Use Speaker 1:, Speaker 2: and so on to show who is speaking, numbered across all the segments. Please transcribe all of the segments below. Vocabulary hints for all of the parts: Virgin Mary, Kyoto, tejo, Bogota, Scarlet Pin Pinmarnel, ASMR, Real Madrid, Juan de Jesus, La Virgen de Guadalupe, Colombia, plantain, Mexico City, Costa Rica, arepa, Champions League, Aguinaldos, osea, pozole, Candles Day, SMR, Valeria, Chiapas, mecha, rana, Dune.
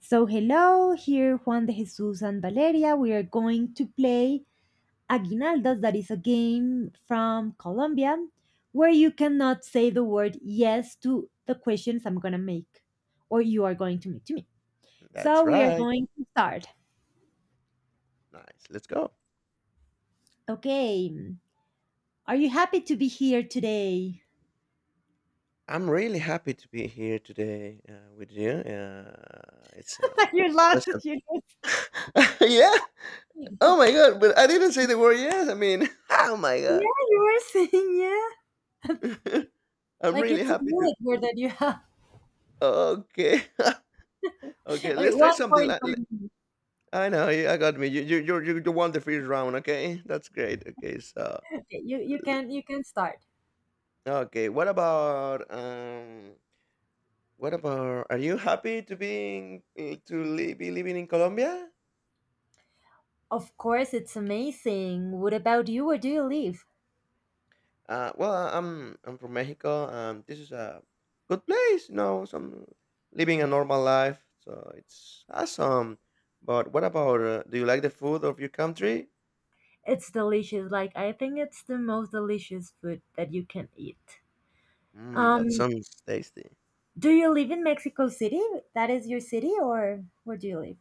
Speaker 1: So, hello, here Juan de Jesus and Valeria. We are going to play Aguinaldos, that is a game from Colombia where you cannot say the word yes to the questions I'm going to make or you are going to make to me.
Speaker 2: That's
Speaker 1: So, we are
Speaker 2: right.
Speaker 1: going to start.
Speaker 2: Nice. Let's go.
Speaker 1: Okay. Are you happy to be here today?
Speaker 2: I'm really happy to be here today with you. Uh, it's
Speaker 1: You
Speaker 2: uh,
Speaker 1: are
Speaker 2: special.
Speaker 1: lost. You
Speaker 2: yeah.
Speaker 1: Yeah,
Speaker 2: Oh my god! But I didn't say the word yes. I mean, oh my god!
Speaker 1: you were saying yeah.
Speaker 2: I'm
Speaker 1: Like,
Speaker 2: really
Speaker 1: it's a
Speaker 2: happy to.
Speaker 1: bullet word that you have.
Speaker 2: Okay. okay.
Speaker 1: Okay,
Speaker 2: Let's try
Speaker 1: one
Speaker 2: something.
Speaker 1: point
Speaker 2: Like,
Speaker 1: for me.
Speaker 2: I know. I got me. You won the first round. Okay. That's great. Okay. So
Speaker 1: Okay, you can start.
Speaker 2: okay. What about? What about? Are you happy to being be living in Colombia?
Speaker 1: Of course, it's amazing. What about you? Where do you live?
Speaker 2: Well, I'm from Mexico, and this is a good place. You know, some living a normal life, so it's awesome. But what about? Do you like the food of your country?
Speaker 1: It's delicious. Like, I think it's the most delicious food that you can eat.
Speaker 2: Mm, that
Speaker 1: Um,
Speaker 2: sounds tasty.
Speaker 1: do you live in Mexico City? That is your city, or where do you live?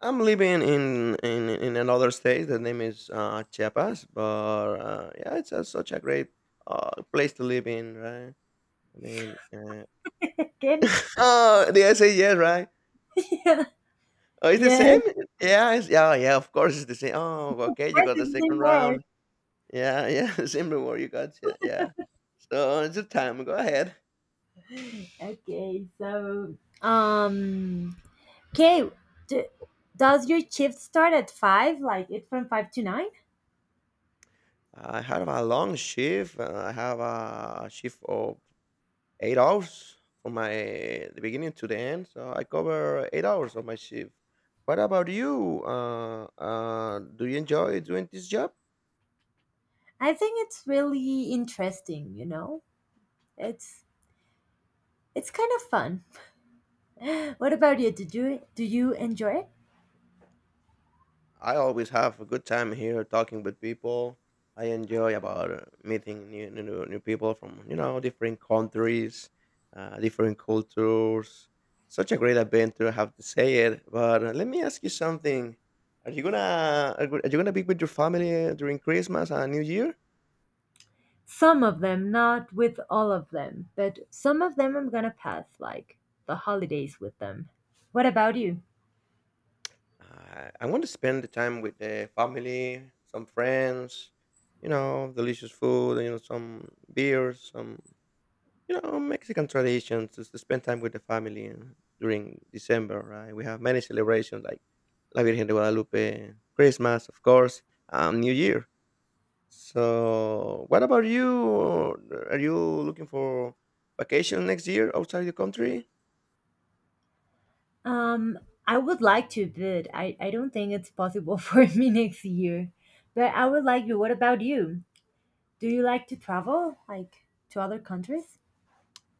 Speaker 2: I'm living in in another state. The name is Chiapas, but yeah, it's a, such a great place to live in, right? I mean,
Speaker 1: Again?
Speaker 2: oh, did I say yes, right? Oh, it's the
Speaker 1: Yeah,
Speaker 2: same.
Speaker 1: of
Speaker 2: Yeah. Of course, it's the same. Oh, okay, you
Speaker 1: course,
Speaker 2: got the
Speaker 1: it's the same
Speaker 2: second
Speaker 1: word.
Speaker 2: round. Yeah, yeah, similar warrior gods. Yeah, yeah. So it's a time. Go ahead.
Speaker 1: Okay, so, um, okay, do, does your shift start at five? Like, it's from five to nine?
Speaker 2: I have a long shift. I have a shift of 8 hours from my the beginning to the end. So I cover 8 hours of my shift. What about you? Do you enjoy doing this job?
Speaker 1: I think it's really interesting, you know? It's, it's kind of fun. What about you? Did you Do you enjoy it?
Speaker 2: I always have a good time here talking with people. I enjoy about meeting new people from you know different countries, different cultures. Such a great adventure, I have to say it. But let me ask you something: Are you gonna be with your family during Christmas and New Year?
Speaker 1: Some of them, not with all of them, but some of them I'm gonna pass like the holidays with them. What about you?
Speaker 2: I want to spend the time with the family, some friends, you know, delicious food, you know, some beers, some You know, Mexican traditions is to spend time with the family and during December, right? We have many celebrations like La Virgen de Guadalupe, Christmas, of course, New Year. So, what about you? Are you looking for vacation next year outside the country?
Speaker 1: Um, I would like to, but I don't think it's possible for me next year. But I would like to. What about you? Do you like to travel, like to other countries?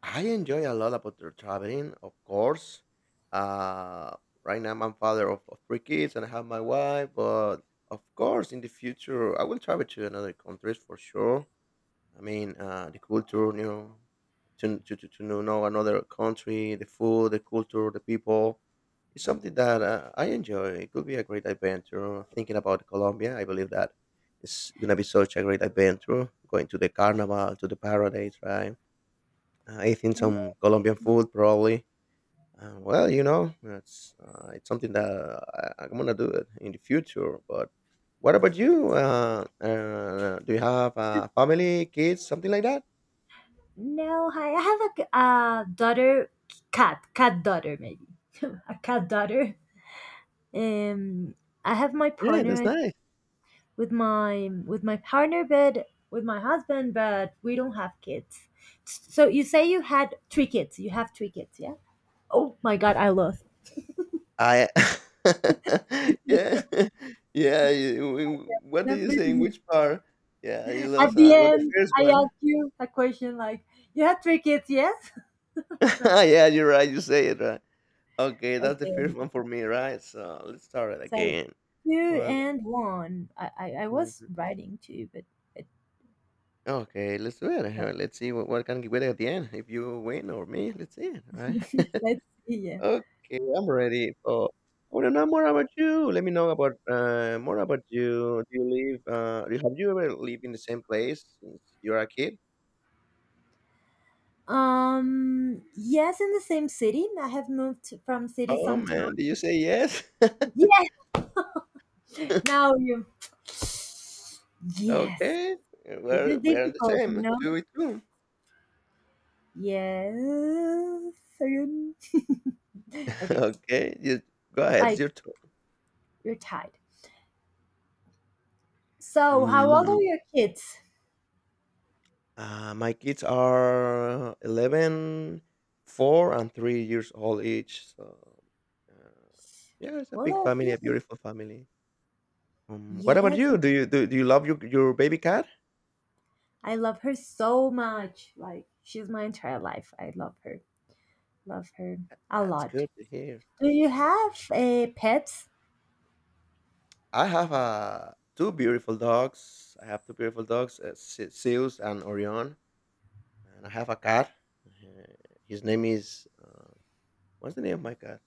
Speaker 2: I enjoy a lot about the traveling, of course. Uh, right now, I'm father of three kids and I have my wife, but of course, in the future, I will travel to another countries for sure. I mean, the culture, you know, to know another country, the food, the culture, the people. It's something that I enjoy. It could be a great adventure. Thinking about Colombia, I believe that it's going to be such a great adventure. Going to the carnival, to the paradise, right? Eating some Colombian food, probably. Well, you know, it's something that I'm going to do it in the future. But what about you? Do you have a family, kids, something like that?
Speaker 1: No, I have a daughter, cat daughter maybe, a cat daughter. Um, I have my
Speaker 2: Yeah, that's
Speaker 1: partner
Speaker 2: nice.
Speaker 1: with my partner, but with my husband. But we don't have kids. So you say you have three kids. Yeah. Oh my god, I lost.
Speaker 2: I Yeah. Yeah, y w what
Speaker 1: And
Speaker 2: do you think? Which part? Yeah, you
Speaker 1: at
Speaker 2: lost,
Speaker 1: the
Speaker 2: got the
Speaker 1: end,
Speaker 2: first
Speaker 1: I
Speaker 2: one.
Speaker 1: asked you a question, like, you had three kids. Yes.
Speaker 2: Yeah, you're right, you say it right. Okay, that's the
Speaker 1: Okay,
Speaker 2: first one for me, right? So, let's start it
Speaker 1: so
Speaker 2: again.
Speaker 1: two
Speaker 2: Well
Speaker 1: and one. I was
Speaker 2: mhm.
Speaker 1: writing two, but it,
Speaker 2: Okay, let's do it.
Speaker 1: so
Speaker 2: Let's see what can we get at the end, if you win or me, let's see, it, right?
Speaker 1: let's see. Yeah.
Speaker 2: Okay, I'm ready. So I want to know more about you. Let me know about more about you. Do you live? Have you ever lived in the same place since you were a kid?
Speaker 1: Yes, in the same city. I have moved from city
Speaker 2: Oh
Speaker 1: sometime.
Speaker 2: man, did you say yes?
Speaker 1: Yes. Now you. Yes.
Speaker 2: okay,
Speaker 1: This is
Speaker 2: we're the
Speaker 1: difficult, you
Speaker 2: same.
Speaker 1: know?
Speaker 2: Two with two.
Speaker 1: Yes. Ayun. Okay,
Speaker 2: okay, you go ahead. It's
Speaker 1: like
Speaker 2: your turn.
Speaker 1: you're tied. So, how old are
Speaker 2: Mm,
Speaker 1: your kids?
Speaker 2: my kids are 11, 4, and 3 years old each. So, uh, yeah, it's a
Speaker 1: Well,
Speaker 2: big
Speaker 1: are
Speaker 2: family, a
Speaker 1: they?
Speaker 2: beautiful family. What about
Speaker 1: Yes,
Speaker 2: you? Do you love your baby cat?
Speaker 1: I love her so much. Like, she's my entire life. I love her. Love her a
Speaker 2: That's
Speaker 1: lot.
Speaker 2: good to hear.
Speaker 1: Do you
Speaker 2: Yeah.
Speaker 1: have pets?
Speaker 2: I have two beautiful dogs. I have two beautiful dogs, Zeus and Orion, and I have a cat. Uh, His name is what's the name of my cat?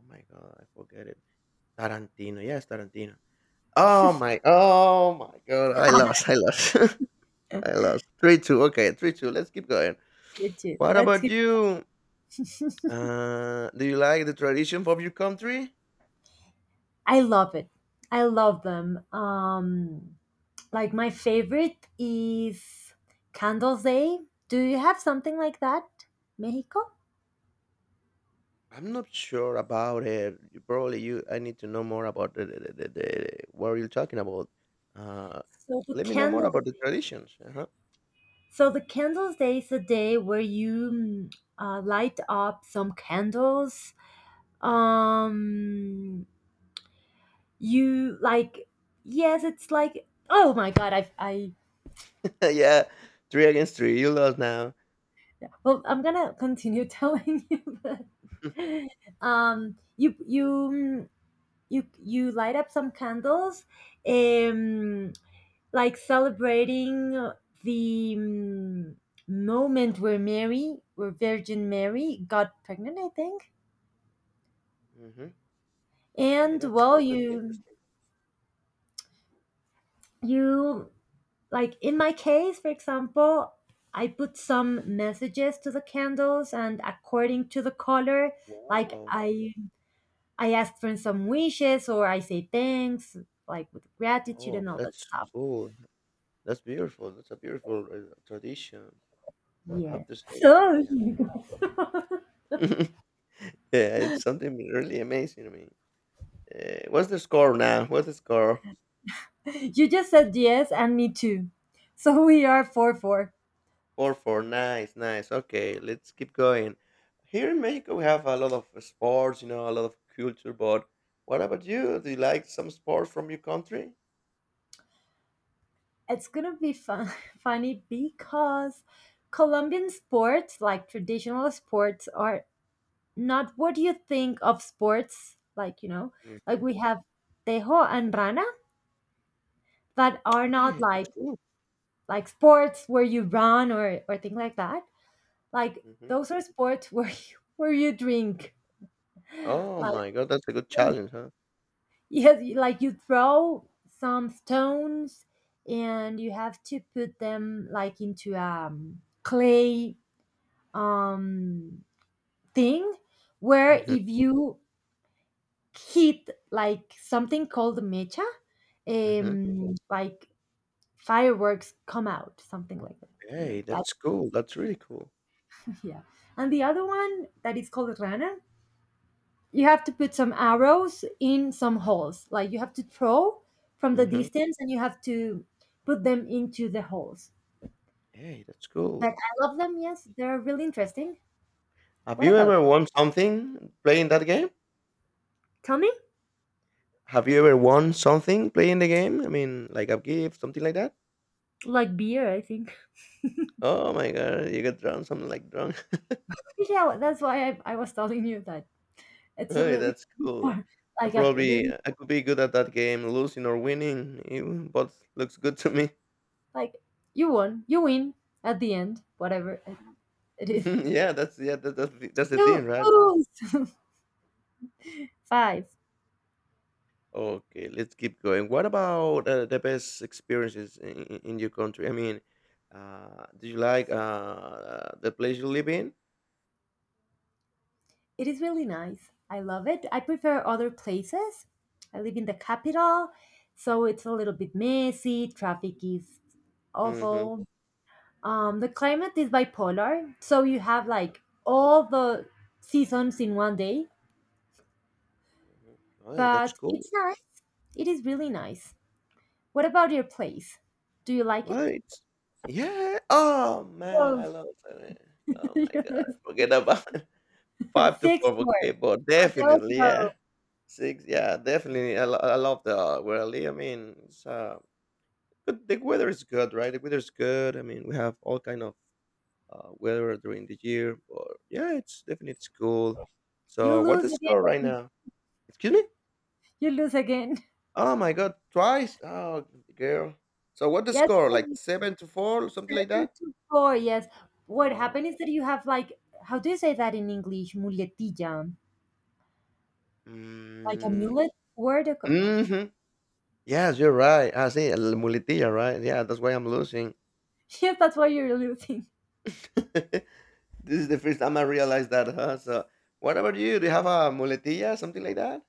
Speaker 2: Oh my god, I forget it. Tarantino. Yes, Tarantino. Oh my god, I lost, I lost. 3-2. Okay, 3-2. Let's keep going.
Speaker 1: Me too.
Speaker 2: What
Speaker 1: That's
Speaker 2: about
Speaker 1: good.
Speaker 2: you? Do you like the tradition of your country?
Speaker 1: I love it. I love them. Like my favorite is Candles Day. Do you have something like that, Mexico?
Speaker 2: I'm not sure about it. You- Probably you. I need to know more about the what you're talking about. Uh,
Speaker 1: So the
Speaker 2: let me know more
Speaker 1: candle,
Speaker 2: about the traditions. Uh-huh.
Speaker 1: so the Candles Day is a day where you light up some candles. Um, you like, yes, it's like, oh my God,
Speaker 2: yeah, three against three. You lost now.
Speaker 1: well, I'm gonna continue telling you, but um, you, you, mm, you light up some candles. Um, like celebrating the moment where Virgin Mary got pregnant, I think.
Speaker 2: Hmm Hey,
Speaker 1: And
Speaker 2: that's
Speaker 1: well,
Speaker 2: good. That's
Speaker 1: you
Speaker 2: interesting.
Speaker 1: you like in my case, for example, I put some messages to the candles, and according to the color, like
Speaker 2: Wow.
Speaker 1: I ask for some wishes or I say thanks, like with gratitude
Speaker 2: Oh,
Speaker 1: and all that
Speaker 2: that's
Speaker 1: stuff.
Speaker 2: cool. That's beautiful. That's a beautiful tradition. I
Speaker 1: Yeah.
Speaker 2: have to say it.
Speaker 1: So
Speaker 2: Yeah. yeah, it's something really amazing to me. What's the score now? What's the score?
Speaker 1: you just said yes, and me too. So we are four four.
Speaker 2: 4-4. Nice, nice. Okay, let's keep going. Here in Mexico, we have a lot of sports, you know, a lot of culture, but what about you? Do you like some sports from your country?
Speaker 1: It's gonna be fun, funny because Colombian sports, like traditional sports, are not what you think of sports. Like, you know, like
Speaker 2: Mm-hmm.
Speaker 1: we have tejo and rana that are
Speaker 2: Oh,
Speaker 1: not
Speaker 2: yeah, that's
Speaker 1: like
Speaker 2: cool.
Speaker 1: sports where you run or thing like that. Like,
Speaker 2: hmm
Speaker 1: those are sports where where you drink.
Speaker 2: Oh
Speaker 1: Like,
Speaker 2: my God, that's a good challenge, huh?
Speaker 1: yes, like you throw some stones and you have to put them, like, into clay um thing where
Speaker 2: Mm-hmm.
Speaker 1: if you hit, like, something called mecha,
Speaker 2: Mm-hmm.
Speaker 1: like fireworks come out, something like that. You know
Speaker 2: Hey,
Speaker 1: that,
Speaker 2: that's cool. That's really cool.
Speaker 1: yeah. And the other one that is called rana, you have to put some arrows in some holes. Like, you have to throw from the
Speaker 2: Mm-hmm.
Speaker 1: distance, and you have to put them into the holes.
Speaker 2: Hey, that's
Speaker 1: But
Speaker 2: cool.
Speaker 1: I love them. Yes, they're really interesting.
Speaker 2: Have
Speaker 1: What
Speaker 2: you
Speaker 1: about?
Speaker 2: ever won something playing that game?
Speaker 1: Tell me.
Speaker 2: Have you ever won something playing the game? I mean, like a gift, something like that?
Speaker 1: Like beer, I think.
Speaker 2: Oh my God, you got drunk, something like drunk.
Speaker 1: Yeah, that's why I was telling you that it's a
Speaker 2: Hey,
Speaker 1: really
Speaker 2: that's
Speaker 1: fun
Speaker 2: cool.
Speaker 1: part.
Speaker 2: I
Speaker 1: Like a
Speaker 2: probably
Speaker 1: really,
Speaker 2: I could be good at that game, losing or winning, it, but looks good to me.
Speaker 1: like, you win at the end, whatever it is.
Speaker 2: yeah, that's that's the
Speaker 1: You
Speaker 2: thing, right?
Speaker 1: lose five.
Speaker 2: Okay, let's keep going. What about the best experiences in your country? I mean, do you like the place you live in?
Speaker 1: It is really nice. I love it. I prefer other places. I live in the capital, so it's a little bit messy. Traffic is
Speaker 2: Mm-hmm.
Speaker 1: awful. The climate is bipolar, so you have like all the seasons in one day,
Speaker 2: Right, that's
Speaker 1: but it's
Speaker 2: cool.
Speaker 1: nice. It is really nice. What about your place? Do you like it?
Speaker 2: Right. Yeah. Oh man, I
Speaker 1: Grove.
Speaker 2: love it. Oh my god, forget about five to
Speaker 1: Six
Speaker 2: four.
Speaker 1: more.
Speaker 2: Okay, but
Speaker 1: Bell
Speaker 2: definitely, yeah.
Speaker 1: Grove.
Speaker 2: Six, yeah, definitely. I love the where I live. I mean, good. The weather is good, right? The weather is good. I mean, we have all kind of weather during the year, but yeah, it's definitely it's cool.
Speaker 1: You
Speaker 2: So, what's
Speaker 1: lose
Speaker 2: the score right
Speaker 1: again.
Speaker 2: now? Excuse me?
Speaker 1: You lose again.
Speaker 2: Oh my God, twice? Oh, girl. So, what the
Speaker 1: Yes, it
Speaker 2: score? Like
Speaker 1: was
Speaker 2: seven to four, or something like
Speaker 1: seven
Speaker 2: that?
Speaker 1: to four. Yes. What
Speaker 2: Oh,
Speaker 1: happened is that you have, like, how do you say that in English? Muletilla. Like a
Speaker 2: mm,
Speaker 1: mullet word.
Speaker 2: hmm. Yes, you're right. I see, muletilla, right? Yeah, that's why I'm losing.
Speaker 1: Yes, that's why you're losing.
Speaker 2: This is the first time I realized that, huh? So, what about you? Do you have a muletilla, something like that?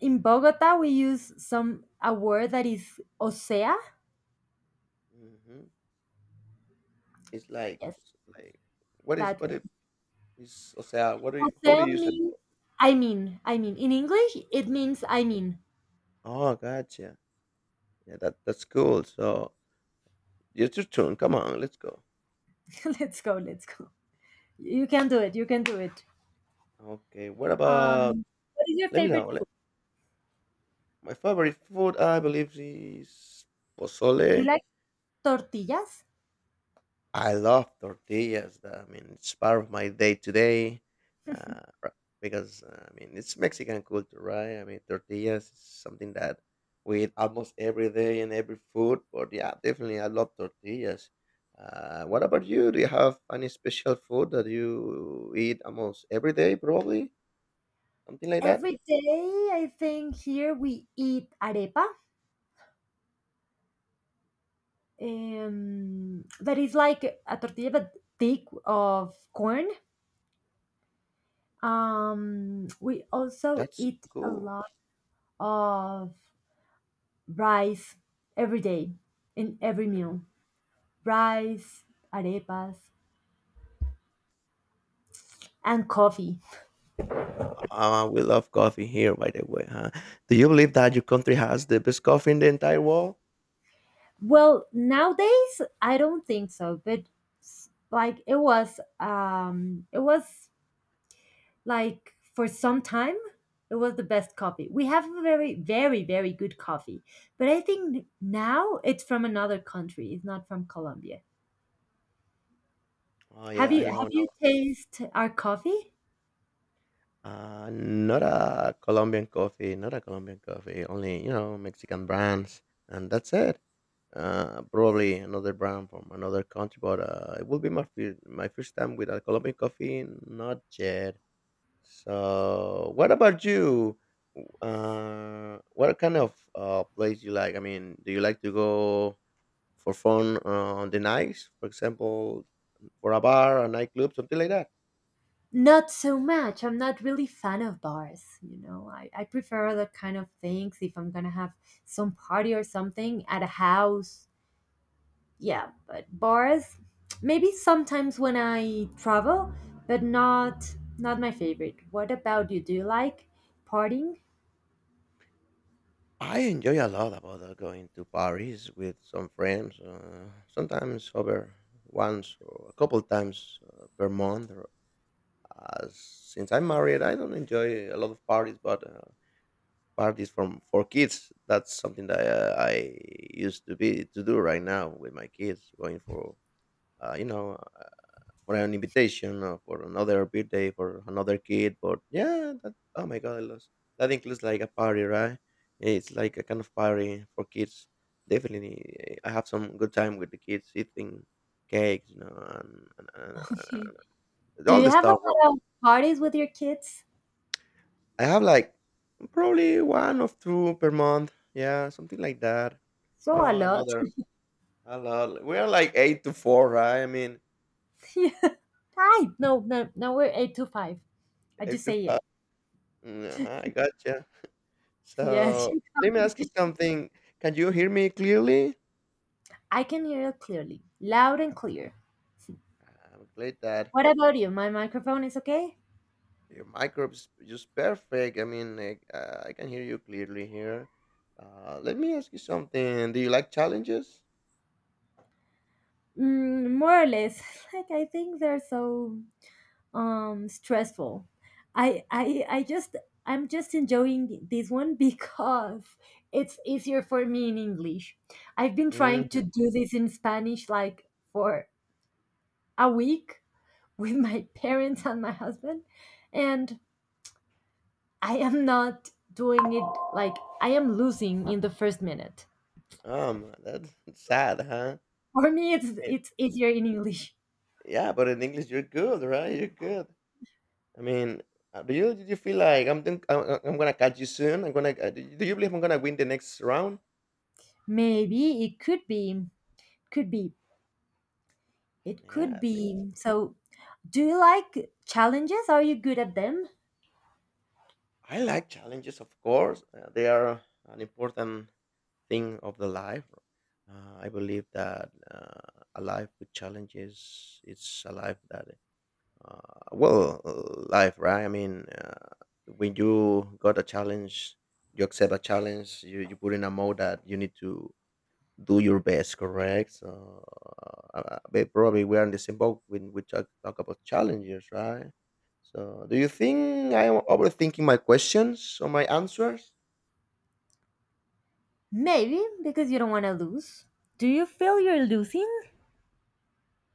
Speaker 1: In Bogota, we use some a word that is osea.
Speaker 2: Hmm
Speaker 1: Yes,
Speaker 2: it's like, what is
Speaker 1: that
Speaker 2: what
Speaker 1: one.
Speaker 2: it is? O sea, how do you
Speaker 1: Osea
Speaker 2: use it?
Speaker 1: means I mean. I mean. In English, it means I mean.
Speaker 2: Oh, gotcha. Yeah, that that's cool. So, it's your turn. Come on, let's go.
Speaker 1: Let's go. Let's go. You can do it. You can do it.
Speaker 2: Okay, what about?
Speaker 1: Um, what is your
Speaker 2: Let me
Speaker 1: favorite
Speaker 2: know. Let,
Speaker 1: food?
Speaker 2: my favorite food, I believe, is
Speaker 1: Do you
Speaker 2: pozole.
Speaker 1: like tortillas?
Speaker 2: I love tortillas. I mean, it's part of my day to day uh, r- because I mean it's Mexican culture, right? I mean, tortillas is something that we eat almost every day in every food. But yeah, definitely, I love tortillas. What about you? Do you have any special food that you eat almost every day? Probably something like that.
Speaker 1: Every day, I think here we eat arepa. That is like a tortilla but thick of corn. We also
Speaker 2: That's
Speaker 1: eat a
Speaker 2: cool.
Speaker 1: lot of rice every day in every
Speaker 2: Mhm.
Speaker 1: meal. Rice, arepas, and coffee.
Speaker 2: We love coffee here, by the way. Huh? Do you believe that your country has the best coffee in the entire world?
Speaker 1: Well, nowadays I don't think so, but like it was, it was, like, for some time it was the best coffee. We have a very, very, very good coffee, but I think now it's from another country, it's not from Colombia.
Speaker 2: Oh
Speaker 1: have
Speaker 2: yeah, I
Speaker 1: you have
Speaker 2: know.
Speaker 1: you tasted our coffee?
Speaker 2: Not a Colombian coffee, not a Colombian coffee. Only you know Mexican brands, and that's it. Probably another brand from another country, but it will be my my first time with a Colombian coffee. Not yet. So, what about you? What kind of place you like? I mean, do you like to go for fun on the nights, for example, for a bar, a nightclub, something like that?
Speaker 1: Not so much. I'm not really fan of bars. You know, I prefer other kind of things. If I'm gonna have some party or something at a house, yeah, but bars, maybe sometimes when I travel, but not my favorite. What about you? Do you like partying?
Speaker 2: I enjoy a lot about going to Paris with some friends. Sometimes over once or a couple times per month. Or, since I'm married, I don't enjoy a lot of parties, but parties from for kids. That's something that I used to be to do right now with my kids, going for you know for an invitation or for another birthday for another kid. But yeah, that oh my god, I lost. That includes like a party, right? It's like a kind of party for kids. Definitely, I have some good time with the kids eating cakes, you know, and, and, and, and and
Speaker 1: Do
Speaker 2: all
Speaker 1: you
Speaker 2: the
Speaker 1: have a
Speaker 2: stuff. Bro.
Speaker 1: lot of parties with your kids?
Speaker 2: I have like probably one or two per month. Yeah, something like that.
Speaker 1: So a
Speaker 2: Oh,
Speaker 1: lot.
Speaker 2: another a lot. We are like eight to four, right? I mean,
Speaker 1: Yeah. Hi. No, no, no, we're 8-5. I
Speaker 2: eight
Speaker 1: just
Speaker 2: to
Speaker 1: say yes.
Speaker 2: five. Uh-huh, I gotcha.
Speaker 1: Yes.
Speaker 2: So let me ask you something. Can you hear me clearly?
Speaker 1: I can hear you clearly, loud and clear.
Speaker 2: I'm glad that
Speaker 1: What about you? My microphone is okay?
Speaker 2: your microphone is just perfect. I mean, I can hear you clearly here. Let me ask you something. Do you like challenges?
Speaker 1: More or less. Like, I think they're so stressful. I I I just I'm just enjoying this one because it's easier for me in English. I've been trying to
Speaker 2: Hmm.
Speaker 1: do this in Spanish like for a week with my parents and my husband, and I am not doing it. Like, I am losing in the first minute.
Speaker 2: That's sad, huh?
Speaker 1: For me, it's
Speaker 2: Man,
Speaker 1: it's easier in English.
Speaker 2: yeah, but in English you're good, right? You're good. I mean, do you did you feel like I'm gonna catch you soon? I'm gonna. Do you believe I'm gonna win the next round?
Speaker 1: Maybe it could be, could be. It
Speaker 2: Yeah,
Speaker 1: could
Speaker 2: I think.
Speaker 1: be. So, do you like challenges? Are you good at them?
Speaker 2: I like challenges, of course. They are an important thing of the life. I believe that a life with challenges it's a life that, uh, well, life, right? I mean, when you got a challenge, you accept a challenge. You put in a mode that you need to do your best, correct? So probably we are in the same boat when we talk about challenges, right? So do you think I am overthinking my questions or my answers?
Speaker 1: Maybe because you don't want to lose. Do you feel you're losing?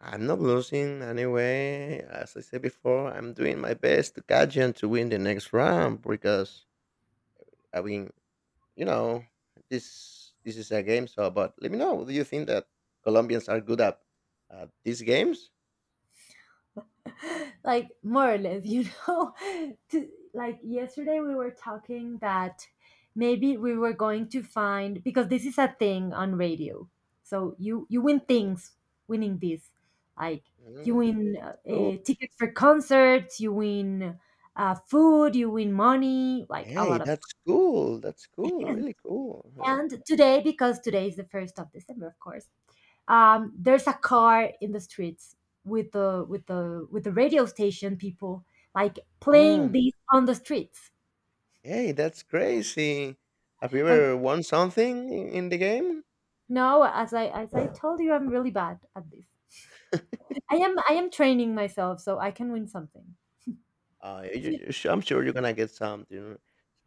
Speaker 2: I'm not losing anyway. As I said before, I'm doing my best to catch and to win the next round because I mean, you know this is a game. So but let me know, do you think that Colombians are good at these games?
Speaker 1: Like, more or less, you know. Like, yesterday we were talking that maybe we were going to find, because this is a thing on radio. So you win things winning this. Like, you
Speaker 2: Mm.
Speaker 1: win
Speaker 2: Cool.
Speaker 1: tickets for concerts, you win food, you win money, like a
Speaker 2: Hey,
Speaker 1: lot of.
Speaker 2: that's cool. That's cool. Really cool. Huh?
Speaker 1: And today, because today is the first of December, of course, there's a car in the streets with the radio station people, like, playing
Speaker 2: Um,
Speaker 1: this on the streets.
Speaker 2: Hey, that's crazy. Have you
Speaker 1: And
Speaker 2: ever won something in the game?
Speaker 1: no, as I told you, I'm really bad at this. I am training myself so I can win something.
Speaker 2: I'm sure you're gonna get something.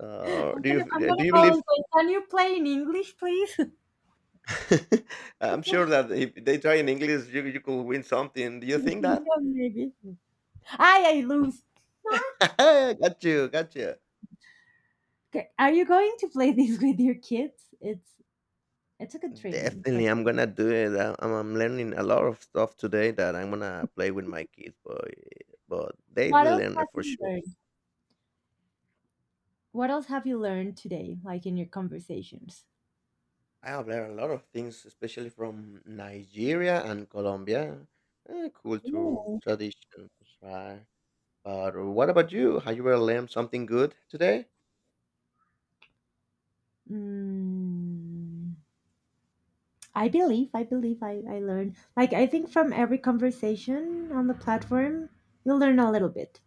Speaker 2: So,
Speaker 1: I'm gonna I'm gonna
Speaker 2: do you
Speaker 1: call
Speaker 2: believe?
Speaker 1: and say, can you play in English, please?
Speaker 2: I'm sure that if they try in English, you could win something. Do you think
Speaker 1: Yeah,
Speaker 2: that?
Speaker 1: maybe. I lose.
Speaker 2: Got you, got you.
Speaker 1: Okay, are you going to play this with your kids? It's a good training for.
Speaker 2: Definitely, I'm gonna do it. I- I'm learning a lot of stuff today that I'm gonna play with my kids, but they
Speaker 1: What
Speaker 2: will
Speaker 1: else
Speaker 2: learn
Speaker 1: have
Speaker 2: it for
Speaker 1: you
Speaker 2: sure.
Speaker 1: learned? What else have you learned today, like in your conversations?
Speaker 2: I have learned a lot of things, especially from Nigeria and Colombia. Eh, culture,
Speaker 1: Ooh.
Speaker 2: traditions, right? But what about you? Have you ever learned something good today?
Speaker 1: Mm, I believe, I believe I learned. Like, I think from every conversation on the platform, you'll learn a little bit.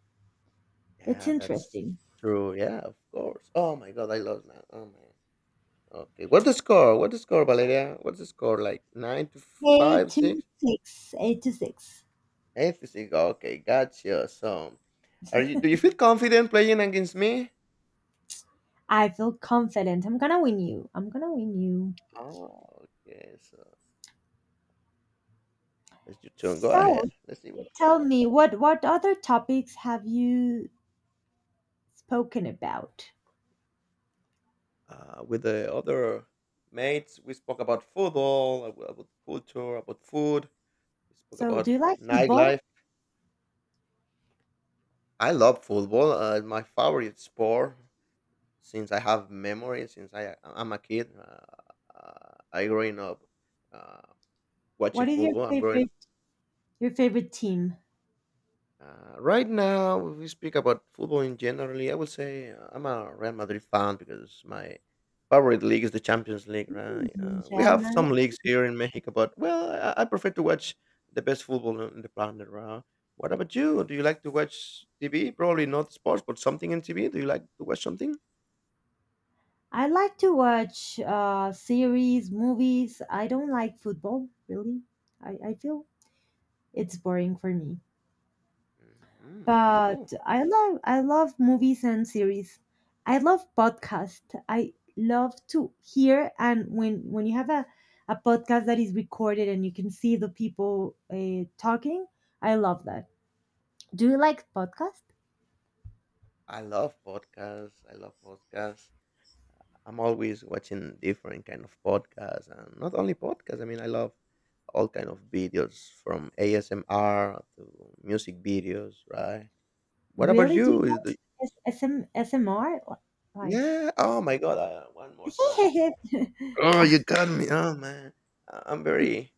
Speaker 1: It's
Speaker 2: Yeah, that's
Speaker 1: interesting.
Speaker 2: true. Yeah, of course. Oh my God, I lost now. Oh man. Okay, what's the score? What's the score, Valeria? What's the score? Like nine to
Speaker 1: Eight
Speaker 2: five,
Speaker 1: to
Speaker 2: six,
Speaker 1: six, 8-6.
Speaker 2: 8-6. Okay, gotcha. So, are you? Do you feel confident playing against me?
Speaker 1: I feel confident. I'm gonna win you. I'm gonna win you.
Speaker 2: Oh, okay. So, it's your turn. Go
Speaker 1: So,
Speaker 2: ahead. Let's see what
Speaker 1: tell
Speaker 2: happens.
Speaker 1: me, what other topics have you spoken about?
Speaker 2: With the other mates, we spoke about football, about culture, about food. We spoke
Speaker 1: So,
Speaker 2: about
Speaker 1: do you like football?
Speaker 2: nightlife. I love football. My favorite sport since I have memory, since I'm a kid. I growing up uh, watching
Speaker 1: What is your
Speaker 2: football. I'm growing.
Speaker 1: favorite Your favorite team?
Speaker 2: Right now, if we speak about football in generally, I will say I'm a Real Madrid fan because my favorite league is the Champions League, right?
Speaker 1: Hmm,
Speaker 2: We
Speaker 1: Real
Speaker 2: have
Speaker 1: Madrid.
Speaker 2: some leagues here in Mexico, but well, I prefer to watch the best football on the planet, right? What about you? Do you like to watch TV? Probably not sports, but something in TV. Do you like to watch something?
Speaker 1: I like to watch series, movies. I don't like football, really. I feel it's boring for me.
Speaker 2: Hmm, that's
Speaker 1: But
Speaker 2: cool.
Speaker 1: I love movies and series. I love podcast. I love to hear, and when you have a podcast that is recorded and you can see the people talking, I love that. Do you like podcast?
Speaker 2: I love podcasts. I love podcasts. I'm always watching different kind of podcasts and not only podcasts. I mean, I love all kind of videos from ASMR to music videos, right? What about
Speaker 1: Really? Do
Speaker 2: you?
Speaker 1: you
Speaker 2: Is
Speaker 1: like
Speaker 2: the
Speaker 1: SMR? Like,
Speaker 2: yeah? Oh my god! One more time. Oh, you got me. Oh man. I'm very.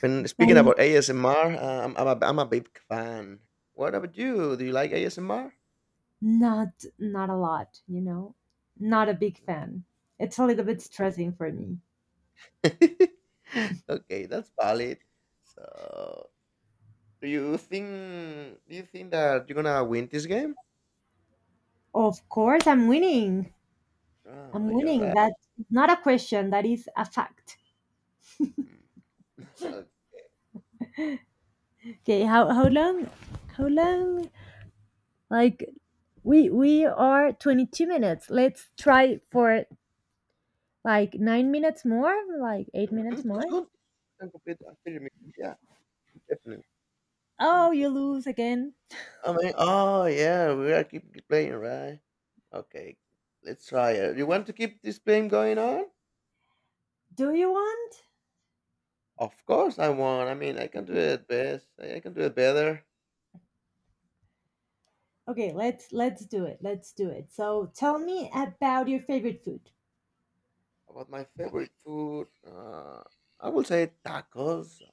Speaker 2: When
Speaker 1: but
Speaker 2: speaking about ASMR, I'm a big fan. What about you? Do you like ASMR?
Speaker 1: not not a lot, you know. Not a big fan. It's a little bit
Speaker 2: Mm.
Speaker 1: stressing for me.
Speaker 2: Okay, that's valid. So Do you think do you think that you're gonna win this game?
Speaker 1: Of course, I'm winning. I'm
Speaker 2: Oh, you're
Speaker 1: winning.
Speaker 2: right.
Speaker 1: That's not a question. That is a fact.
Speaker 2: Mm.
Speaker 1: Okay, how long? How long? Like, we are 22 minutes. Let's try for like 9 minutes more, like 8
Speaker 2: Mhm,
Speaker 1: minutes
Speaker 2: sounds
Speaker 1: more.
Speaker 2: good. We can complete the 30 minutes. Yeah, definitely. Let me
Speaker 1: Oh,
Speaker 2: too.
Speaker 1: you lose again.
Speaker 2: I mean, oh yeah, we are keep playing, right? Okay, let's try it. You want to keep this game going on?
Speaker 1: Do you want?
Speaker 2: Of course, I want. I mean, I can do it best. I can do it better.
Speaker 1: Okay, let's do it. Let's do it. So tell me about your favorite food
Speaker 2: About my favorite food, I will say tacos.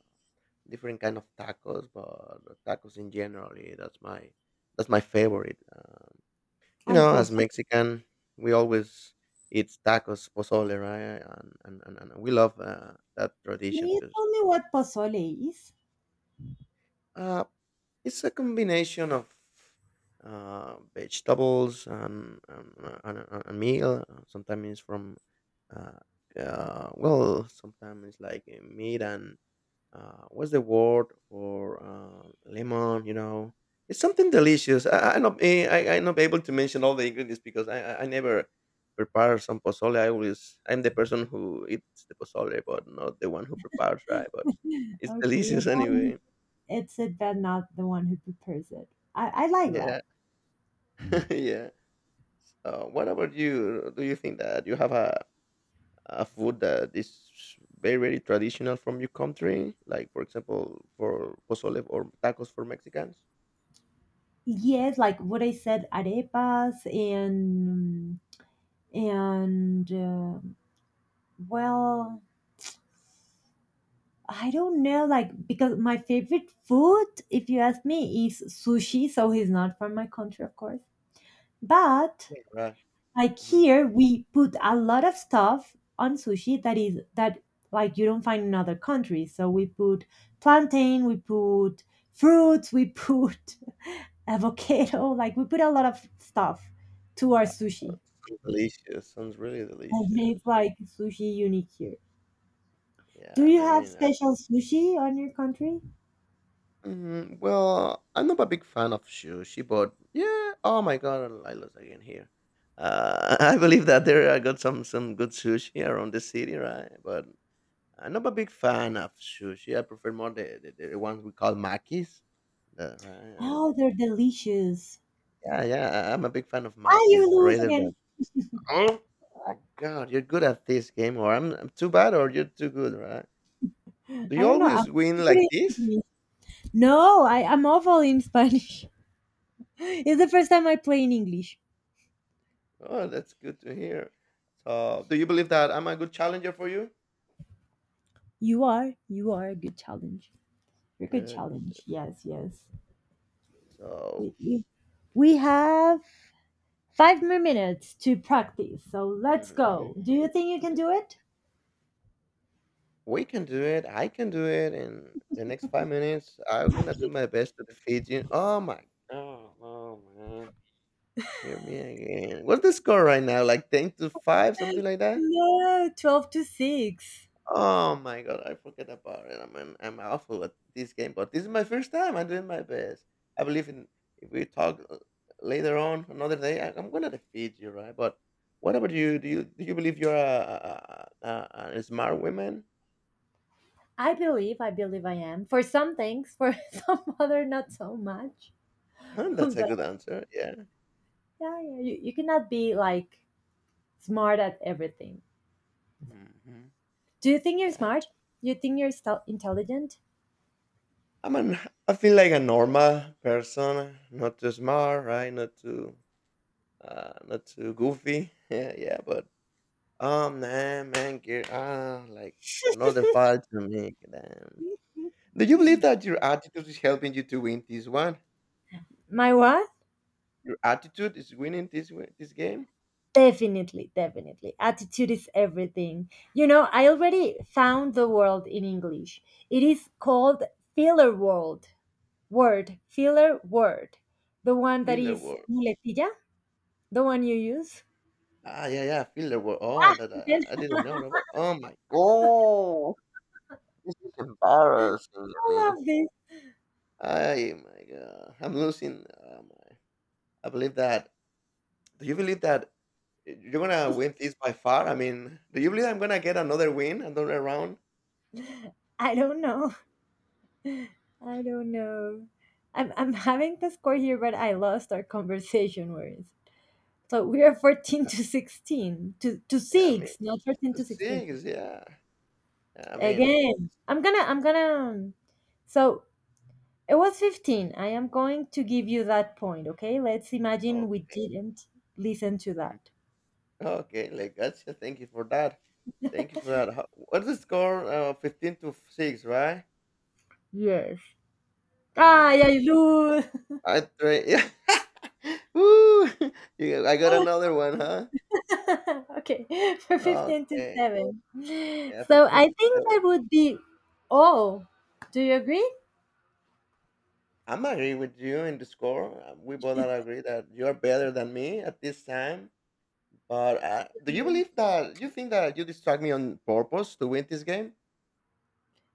Speaker 2: Different kind of tacos, but tacos in generally that's my favorite. You
Speaker 1: and
Speaker 2: know, as
Speaker 1: pozole.
Speaker 2: Mexican, we always eat tacos, pozole, right? And we love that
Speaker 1: Can
Speaker 2: tradition
Speaker 1: you
Speaker 2: because
Speaker 1: tell me what pozole is?
Speaker 2: uh, it's a combination of vegetables and meal. Sometimes it's from uh, sometimes it's like meat and what's the word for lemon? You know, it's something delicious. I'm not able to mention all the ingredients because I never prepare some pozole. I always I'm the person who eats the pozole, but not the one who prepares, right? But it's
Speaker 1: Okay, you're
Speaker 2: delicious
Speaker 1: the one
Speaker 2: anyway.
Speaker 1: it's it but not the one who prepares it. I like
Speaker 2: Yeah,
Speaker 1: that.
Speaker 2: yeah. What about you? Do you think that you have a food that is very very traditional from your country, like for example for pozole or tacos for Mexicans?
Speaker 1: Yes, like what I said, arepas and well, I don't know, like, because my favorite food, if you ask me, is sushi. So he's not from my country, of course. But.
Speaker 2: Yeah, right.
Speaker 1: Like
Speaker 2: Hmm.
Speaker 1: here, we put a lot of stuff on sushi that is that, like, you don't find in other countries. So we put plantain, we put fruits, we put avocado. Like, we put a lot of stuff to our sushi,
Speaker 2: Delicious. Sounds really
Speaker 1: and it's
Speaker 2: delicious.
Speaker 1: like sushi unique here. Do
Speaker 2: Yeah, I
Speaker 1: you
Speaker 2: mean, I
Speaker 1: have
Speaker 2: mean, I,
Speaker 1: special sushi on your country?
Speaker 2: mhm, well, I'm not a big fan of sushi, but yeah. Oh my god, I lost again here. I believe that there I got some good sushi around the city, right? But I'm not a big fan of sushi. I prefer more the ones we call makis. The, right?
Speaker 1: Oh, they're delicious.
Speaker 2: Yeah, yeah. I'm a big fan of
Speaker 1: Ah, you
Speaker 2: makis
Speaker 1: lose
Speaker 2: rather
Speaker 1: again.
Speaker 2: than. Oh my god, you're good at this game, or I'm too bad, or you're too good, right? Do
Speaker 1: I
Speaker 2: you
Speaker 1: don't know. I'm
Speaker 2: always win
Speaker 1: super
Speaker 2: like
Speaker 1: in
Speaker 2: this?
Speaker 1: English. No, I'm awful in Spanish. It's the first time I play in English.
Speaker 2: Oh, that's good to hear. So, do you believe that I'm a good challenger for you?
Speaker 1: You are a good challenge. You're a good
Speaker 2: Good.
Speaker 1: challenge. Yes, yes.
Speaker 2: So,
Speaker 1: We we we have 5 more minutes to practice. So let's
Speaker 2: mhm,
Speaker 1: go. Do you think you can do it?
Speaker 2: we can do it. I can do it in the next 5 minutes. I'm gonna do my best to defeat you. Oh my! Oh, oh man! Hear me again. What's the score right now? Like 10-5, something like that.
Speaker 1: No, 12-6.
Speaker 2: Oh my god, I forget about it. I'm awful at this game, but this is my first time. I'm doing my best. I believe in if we talk later on another day, I'm gonna defeat you, right? But what about you? Do you believe you're a smart woman?
Speaker 1: I believe I am. For some things, for some other, not so much.
Speaker 2: Huh, that's a
Speaker 1: But
Speaker 2: good answer. Yeah.
Speaker 1: yeah, yeah, you cannot be like smart at everything.
Speaker 2: Hmm.
Speaker 1: Do you think you're smart? You think you're intelligent?
Speaker 2: I'm an, I feel like a normal person, not too smart, right? Not too not too goofy. Yeah, yeah, but oh man, man, you're ah, like another fight to make. Damn. Do you believe that your attitude is helping you to win this one?
Speaker 1: My what?
Speaker 2: Your attitude is winning this game.
Speaker 1: Definitely, definitely. Attitude is everything. You know, I already found the word in English. It is called filler word. Filler word. The one that
Speaker 2: Filler
Speaker 1: is
Speaker 2: war.
Speaker 1: muletilla, the one you use.
Speaker 2: Ah, yeah, yeah, filler war. Oh, that
Speaker 1: Yes,
Speaker 2: I didn't know that. Oh my god, this is embarrassing to
Speaker 1: I
Speaker 2: me.
Speaker 1: love this.
Speaker 2: I my god, I'm losing. Oh my. I believe that. Do you believe that you're gonna win this by far? I mean, do you believe I'm gonna get another win, another round?
Speaker 1: I don't know. I don't know. I'm having the score here, but I lost our conversation words. So we are 14 to 16 to
Speaker 2: Yeah, I mean.
Speaker 1: 6, not 14
Speaker 2: The
Speaker 1: to 16.
Speaker 2: Six, yeah. I mean.
Speaker 1: Again, I'm gonna, I'm gonna. um, So it was 15. I am going to give you that point, okay? Let's imagine we
Speaker 2: Okay,
Speaker 1: didn't listen to that.
Speaker 2: okay, like gotcha. Thank you for that. Thank you for that. How, what's the score? 15-6, right?
Speaker 1: Yes.
Speaker 2: Oh
Speaker 1: Ah, yeah,
Speaker 2: my,
Speaker 1: you lose.
Speaker 2: I try. Yeah. Woo! You, I got another one, huh?
Speaker 1: Okay, for 15 to
Speaker 2: Okay,
Speaker 1: 7.
Speaker 2: yeah,
Speaker 1: So
Speaker 2: fifteen
Speaker 1: I
Speaker 2: to
Speaker 1: think that
Speaker 2: seven.
Speaker 1: would be all. Do you agree?
Speaker 2: I'm agree with you in the score. We both are agree that you're better than me at this time. But do you believe that you think that you distract me on purpose to win this game?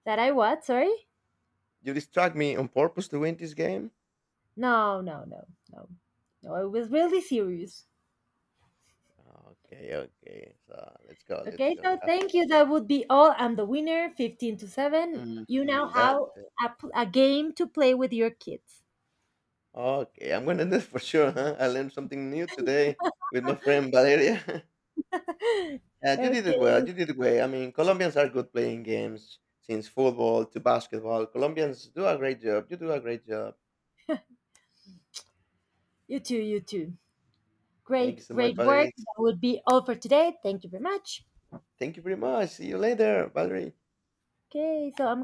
Speaker 1: That I what? Sorry?
Speaker 2: You distract me on purpose to win this game?
Speaker 1: No, no, no, no. No, it was really serious.
Speaker 2: Okay, okay. So let's go, let's
Speaker 1: Okay,
Speaker 2: go. We
Speaker 1: so
Speaker 2: have
Speaker 1: thank you. That would be all. I'm the winner, 15-7. You now
Speaker 2: mhm. That.
Speaker 1: have a game to play with your kids.
Speaker 2: Okay, I'm gonna do it for sure. Huh? I learned something new today with my friend Valeria. Yeah, you did it well.
Speaker 1: Okay.
Speaker 2: You did it well. I mean, Colombians are good playing games, since football to basketball. Colombians do a great job. You do a great job.
Speaker 1: You too, you too.
Speaker 2: Thank you
Speaker 1: Great,
Speaker 2: so much,
Speaker 1: great work.
Speaker 2: Valerie.
Speaker 1: That would be all for today. Thank you very much.
Speaker 2: Thank you very much. See you later, Valerie.
Speaker 1: Okay, so I'm